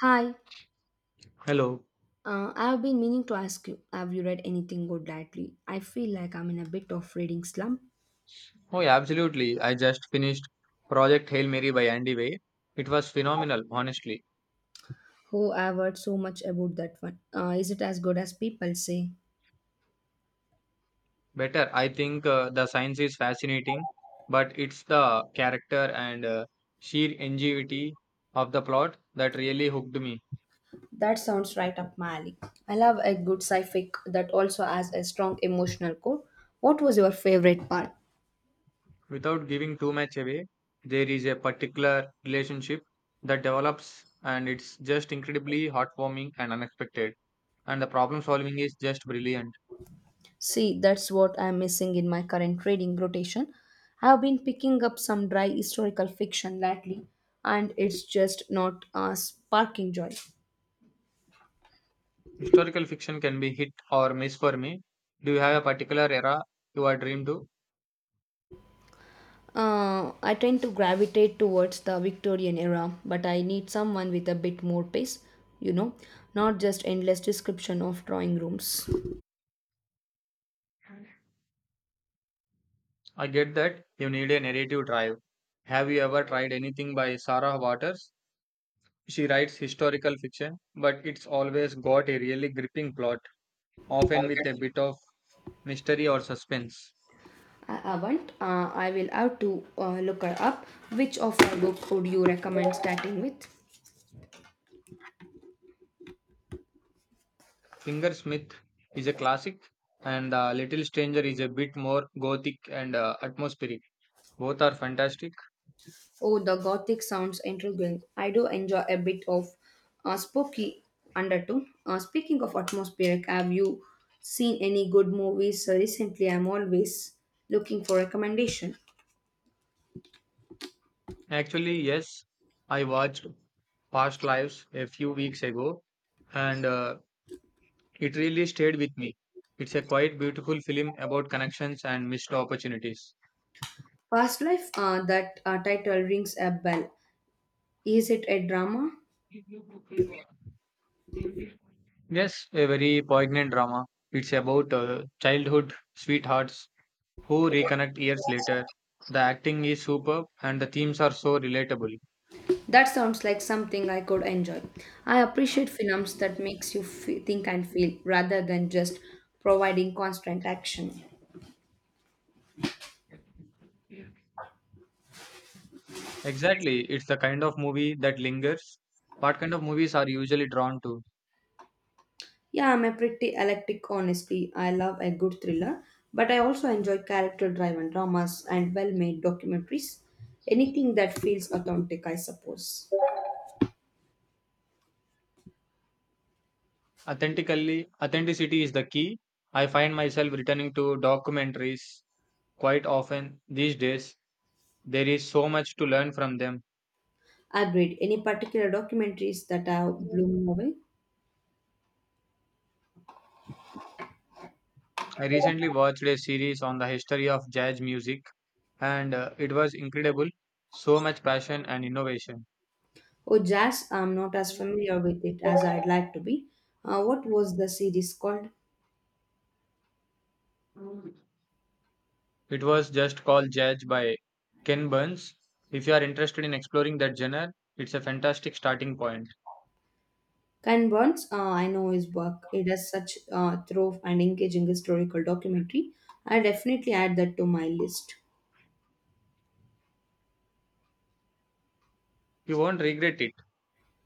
Hi, Hello. I've been meaning to ask you, have you read anything good lately? I feel like I'm in a bit of reading slump. Oh, yeah, absolutely. I just finished Project Hail Mary by Andy Way. It was phenomenal, honestly. Oh, I've heard so much about that one. Is it as good as people say? Better. I think the science is fascinating, but it's the character and sheer ingenuity of the plot that really hooked me. That sounds right up my alley. I love a good sci-fi that also has a strong emotional core. What was your favorite part? Without giving too much away, there is a particular relationship that develops, and it's just incredibly heartwarming and unexpected. And the problem solving is just brilliant. See, that's what I'm missing in my current reading rotation. I've been picking up some dry historical fiction lately, and it's just not sparking joy. Historical fiction can be hit or miss for me. Do you have a particular era you are drawn to? I tend to gravitate towards the Victorian era, but I need someone with a bit more pace, you know, not just endless description of drawing rooms. I get that you need a narrative drive. Have you ever tried anything by Sarah Waters? She writes historical fiction, but it's always got a really gripping plot, often with a bit of mystery or suspense. I haven't. I will have to look her up. Which of her book would you recommend starting with? Fingersmith is a classic, and Little Stranger is a bit more gothic and atmospheric. Both are fantastic. Oh, the Gothic sounds intriguing. I do enjoy a bit of a spooky undertone. Speaking of atmospheric, have you seen any good movies recently? I'm always looking for recommendation. Actually, yes, I watched Past Lives a few weeks ago and it really stayed with me. It's a quite beautiful film about connections and missed opportunities. Past Life, that title rings a bell. Is it a drama? Yes, a very poignant drama. It's about childhood sweethearts who reconnect years later. The acting is superb and the themes are so relatable. That sounds like something I could enjoy. I appreciate films that makes you think and feel rather than just providing constant action. Exactly, it's the kind of movie that lingers. What kind of movies are you usually drawn to? Yeah, I'm a pretty eclectic honestly. I love a good thriller, but I also enjoy character-driven dramas and well-made documentaries. Anything that feels authentic, I suppose. Authentically, authenticity is the key. I find myself returning to documentaries quite often these days. There is so much to learn from them. Agreed. Any particular documentaries that have blown me away? I recently watched a series on the history of jazz music, and it was incredible. So much passion and innovation. Oh, jazz, I'm not as familiar with it as I'd like to be. What was the series called? It was just called Jazz by Ken Burns. If you are interested in exploring that genre, it's a fantastic starting point. Ken Burns, I know his work. It has such thorough and engaging historical documentary. I definitely add that to my list. You won't regret it.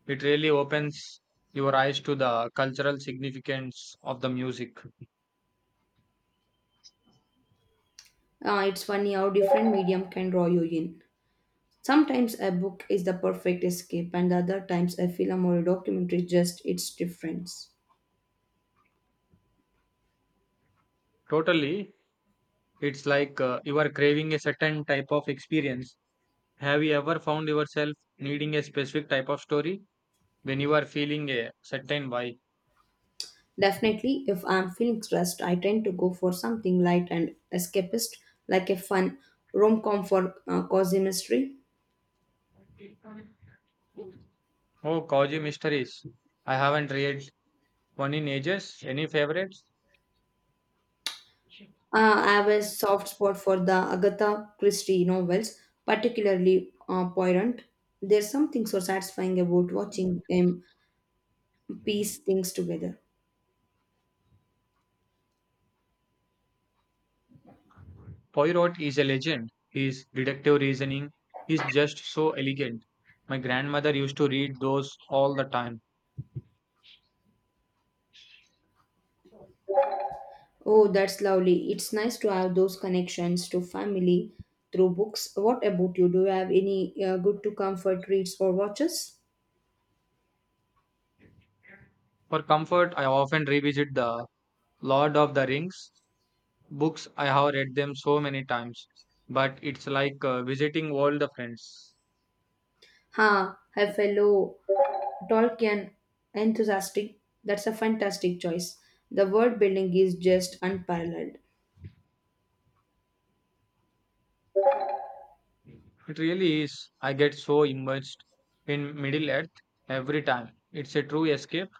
It really opens your eyes to the cultural significance of the music. It's funny how different medium can draw you in. Sometimes a book is the perfect escape, and other times a film or a documentary just its difference. Totally. It's like you are craving a certain type of experience. Have you ever found yourself needing a specific type of story when you are feeling a certain vibe? Definitely, if I'm feeling stressed, I tend to go for something light and escapist, like a fun rom-com for cozy mystery. Oh, Kaji Mysteries. I haven't read one in ages. Any favorites? I have a soft spot for the Agatha Christie novels, particularly Poirot. There's something so satisfying about watching them piece things together. Poirot is a legend. His deductive reasoning is just so elegant. My grandmother used to read those all the time. Oh, that's lovely. It's nice to have those connections to family through books. What about you? Do you have any good to comfort reads or watches? For comfort, I often revisit the Lord of the Rings books. I have read them so many times, but it's like visiting old friends. Ha, huh, have fellow Tolkien enthusiastic. That's a fantastic choice. The world building is just unparalleled. It really is. I get so immersed in Middle Earth every time. It's a true escape.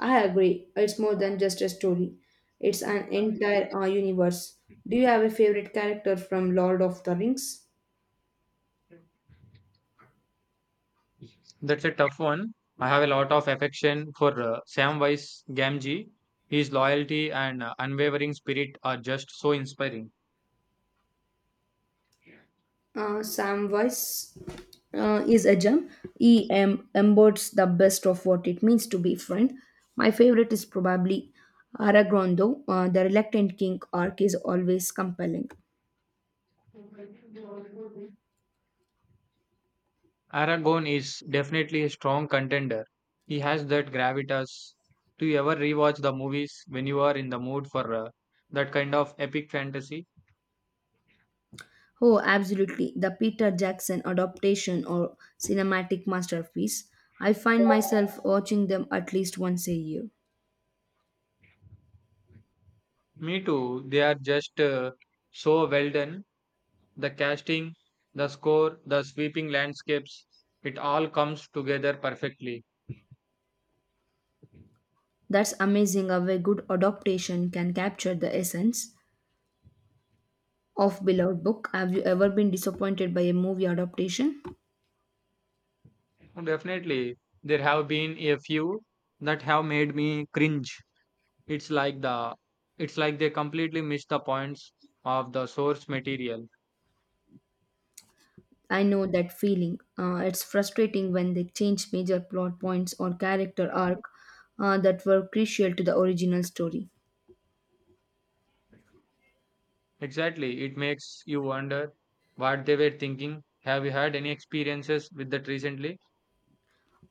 I agree. It's more than just a story. It's an entire universe. Do you have a favorite character from Lord of the Rings? That's a tough one. I have a lot of affection for Samwise Gamgee. His loyalty and unwavering spirit are just so inspiring. Samwise is a gem. He embodies the best of what it means to be friend. My favorite is probably Aragorn, though. The reluctant king arc is always compelling. Aragon is definitely a strong contender. He has that gravitas. Do you ever rewatch the movies when you are in the mood for that kind of epic fantasy? Oh, absolutely. The Peter Jackson adaptation or cinematic masterpiece. I find myself watching them at least once a year. Me too. They are just so well done. The casting, the score, the sweeping landscapes, it all comes together perfectly. That's amazing how a good adaptation can capture the essence of beloved book. Have you ever been disappointed by a movie adaptation? Definitely, there have been a few that have made me cringe. It's like the it's like they completely miss the points of the source material. I know that feeling. It's frustrating when they change major plot points or character arc that were crucial to the original story. Exactly. It makes you wonder what they were thinking. Have you had any experiences with that recently?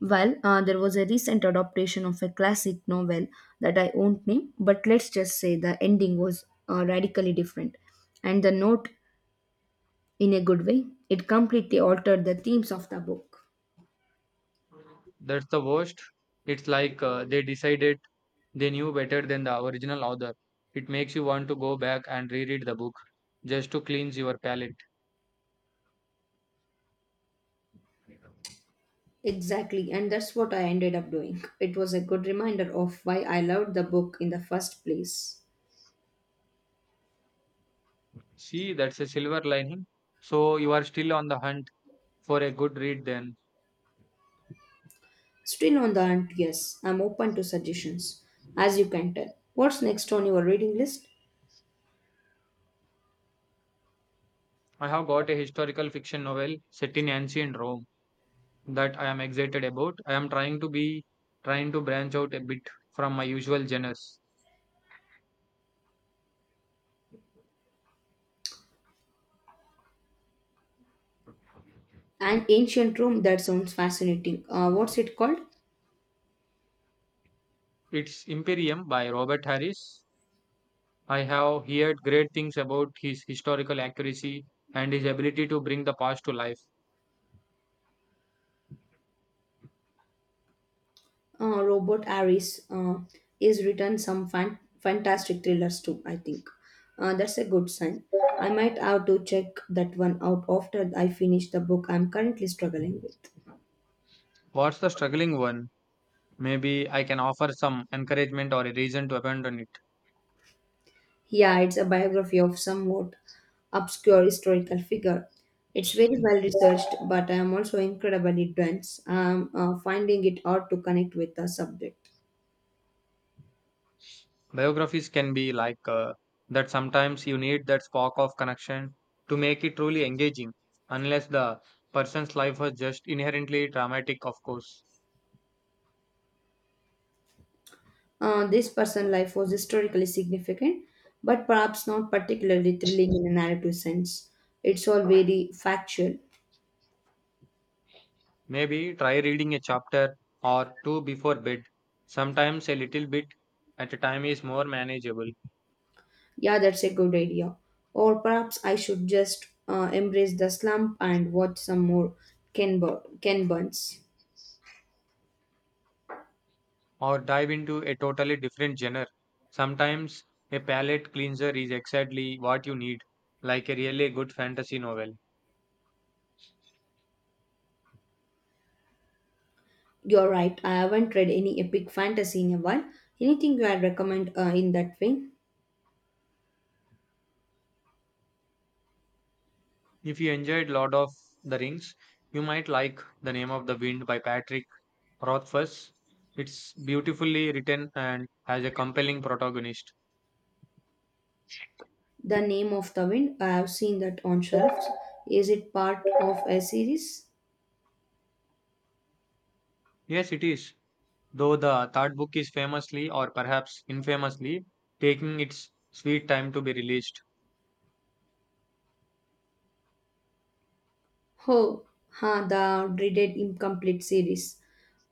Well, there was a recent adaptation of a classic novel that I won't name, but let's just say the ending was radically different. And the note, in a good way, it completely altered the themes of the book. That's the worst. It's like they decided they knew better than the original author. It makes you want to go back and reread the book just to cleanse your palate. Exactly, and that's what I ended up doing. It was a good reminder of why I loved the book in the first place. See, that's a silver lining. So you are still on the hunt for a good read then. Still on the hunt, yes, I'm open to suggestions, as you can tell. What's next on your reading list? I have got a historical fiction novel set in ancient Rome that I am excited about. I am trying to be trying to branch out a bit from my usual genres. An ancient room that sounds fascinating. What's it called? It's Imperium by Robert Harris. I have heard great things about his historical accuracy and his ability to bring the past to life. Robert Harris is written some fantastic thrillers too. I think that's a good sign. I might have to check that one out after I finish the book I'm currently struggling with. What's the struggling one? Maybe I can offer some encouragement or a reason to abandon it. Yeah, it's a biography of somewhat obscure historical figure. It's very well researched, but I am also incredibly dense. I'm finding it hard to connect with the subject. Biographies can be like that. Sometimes you need that spark of connection to make it truly engaging, unless the person's life was just inherently dramatic, of course. This person's life was historically significant, but perhaps not particularly thrilling in a narrative sense. It's all very factual. Maybe try reading a chapter or two before bed. Sometimes a little bit at a time is more manageable. Yeah, that's a good idea. Or perhaps I should just embrace the slump and watch some more Ken Burns. Or dive into a totally different genre. Sometimes a palette cleanser is exactly what you need, like a really good fantasy novel. You're right, I haven't read any epic fantasy in a while. Anything you had recommend in that vein? If you enjoyed Lord of the Rings, you might like The Name of the Wind by Patrick Rothfuss. It's beautifully written and has a compelling protagonist. The Name of the Wind, I have seen that on shelves. Is it part of a series? Yes, it is. Though the third book is famously, or perhaps infamously, taking its sweet time to be released. Oh, huh, the dreaded incomplete series.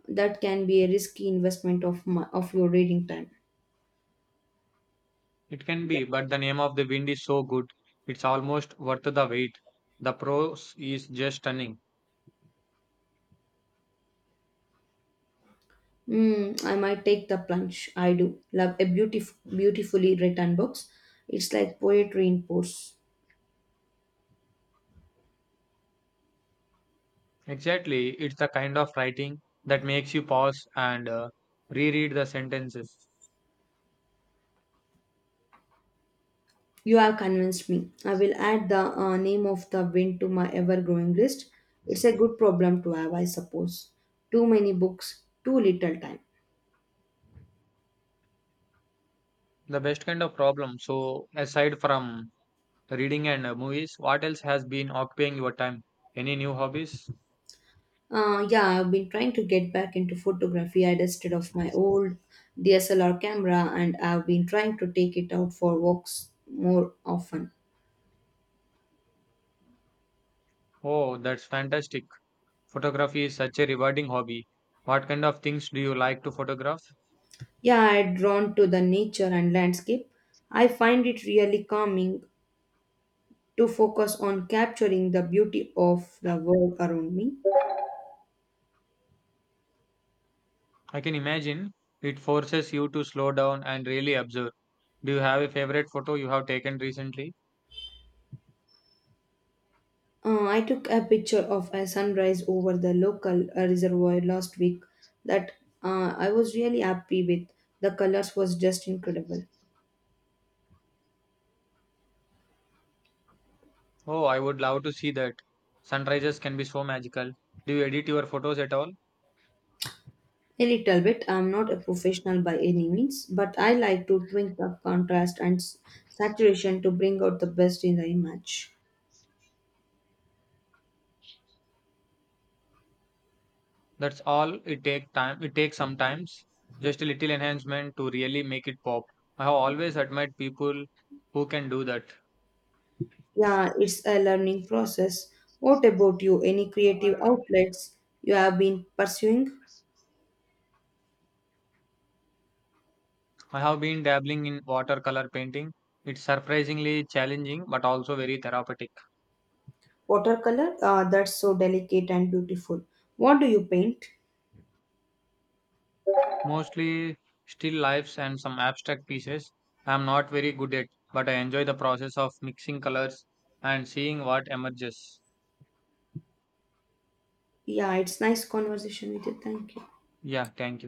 That can be a risky investment of of your reading time. It can be, but the name of the wind is so good, it's almost worth the wait. The prose is just stunning. Mm, I might take the plunge. I do love a beautifully written books. It's like poetry in prose. Exactly, it's the kind of writing that makes you pause and reread the sentences. You have convinced me. I will add the name of the wind to my ever-growing list. It's a good problem to have, I suppose. Too many books, too little time. The best kind of problem. So, aside from reading and movies, what else has been occupying your time? Any new hobbies? Yeah, I've been trying to get back into photography. I dusted off my old DSLR camera and I've been trying to take it out for walks more often. Oh, that's fantastic. Photography is such a rewarding hobby. What kind of things do you like to photograph? Yeah, I'm drawn to the nature and landscape. I find it really calming to focus on capturing the beauty of the world around me. I can imagine it forces you to slow down and really observe. Do you have a favorite photo you have taken recently? I took a picture of a sunrise over the local reservoir last week that I was really happy with. The colors was just incredible. Oh, I would love to see that. Sunrises can be so magical. Do you edit your photos at all? A little bit. I'm not a professional by any means, but I like to tweak up contrast and saturation to bring out the best in the image. That's all it takes time. It takes sometimes just a little enhancement to really make it pop. I have always admired people who can do Yeah, it's a learning process. What about you? Any that. creative outlets you have been pursuing? I have been dabbling in watercolor painting. It's surprisingly challenging but also very therapeutic. Watercolor? Ah, that's so delicate and beautiful. What do you paint? Mostly still lifes and some abstract pieces. I'm not very good at, but I enjoy the process of mixing colors and seeing what emerges. Yeah, it's nice conversation with you. Thank you. Yeah, thank you.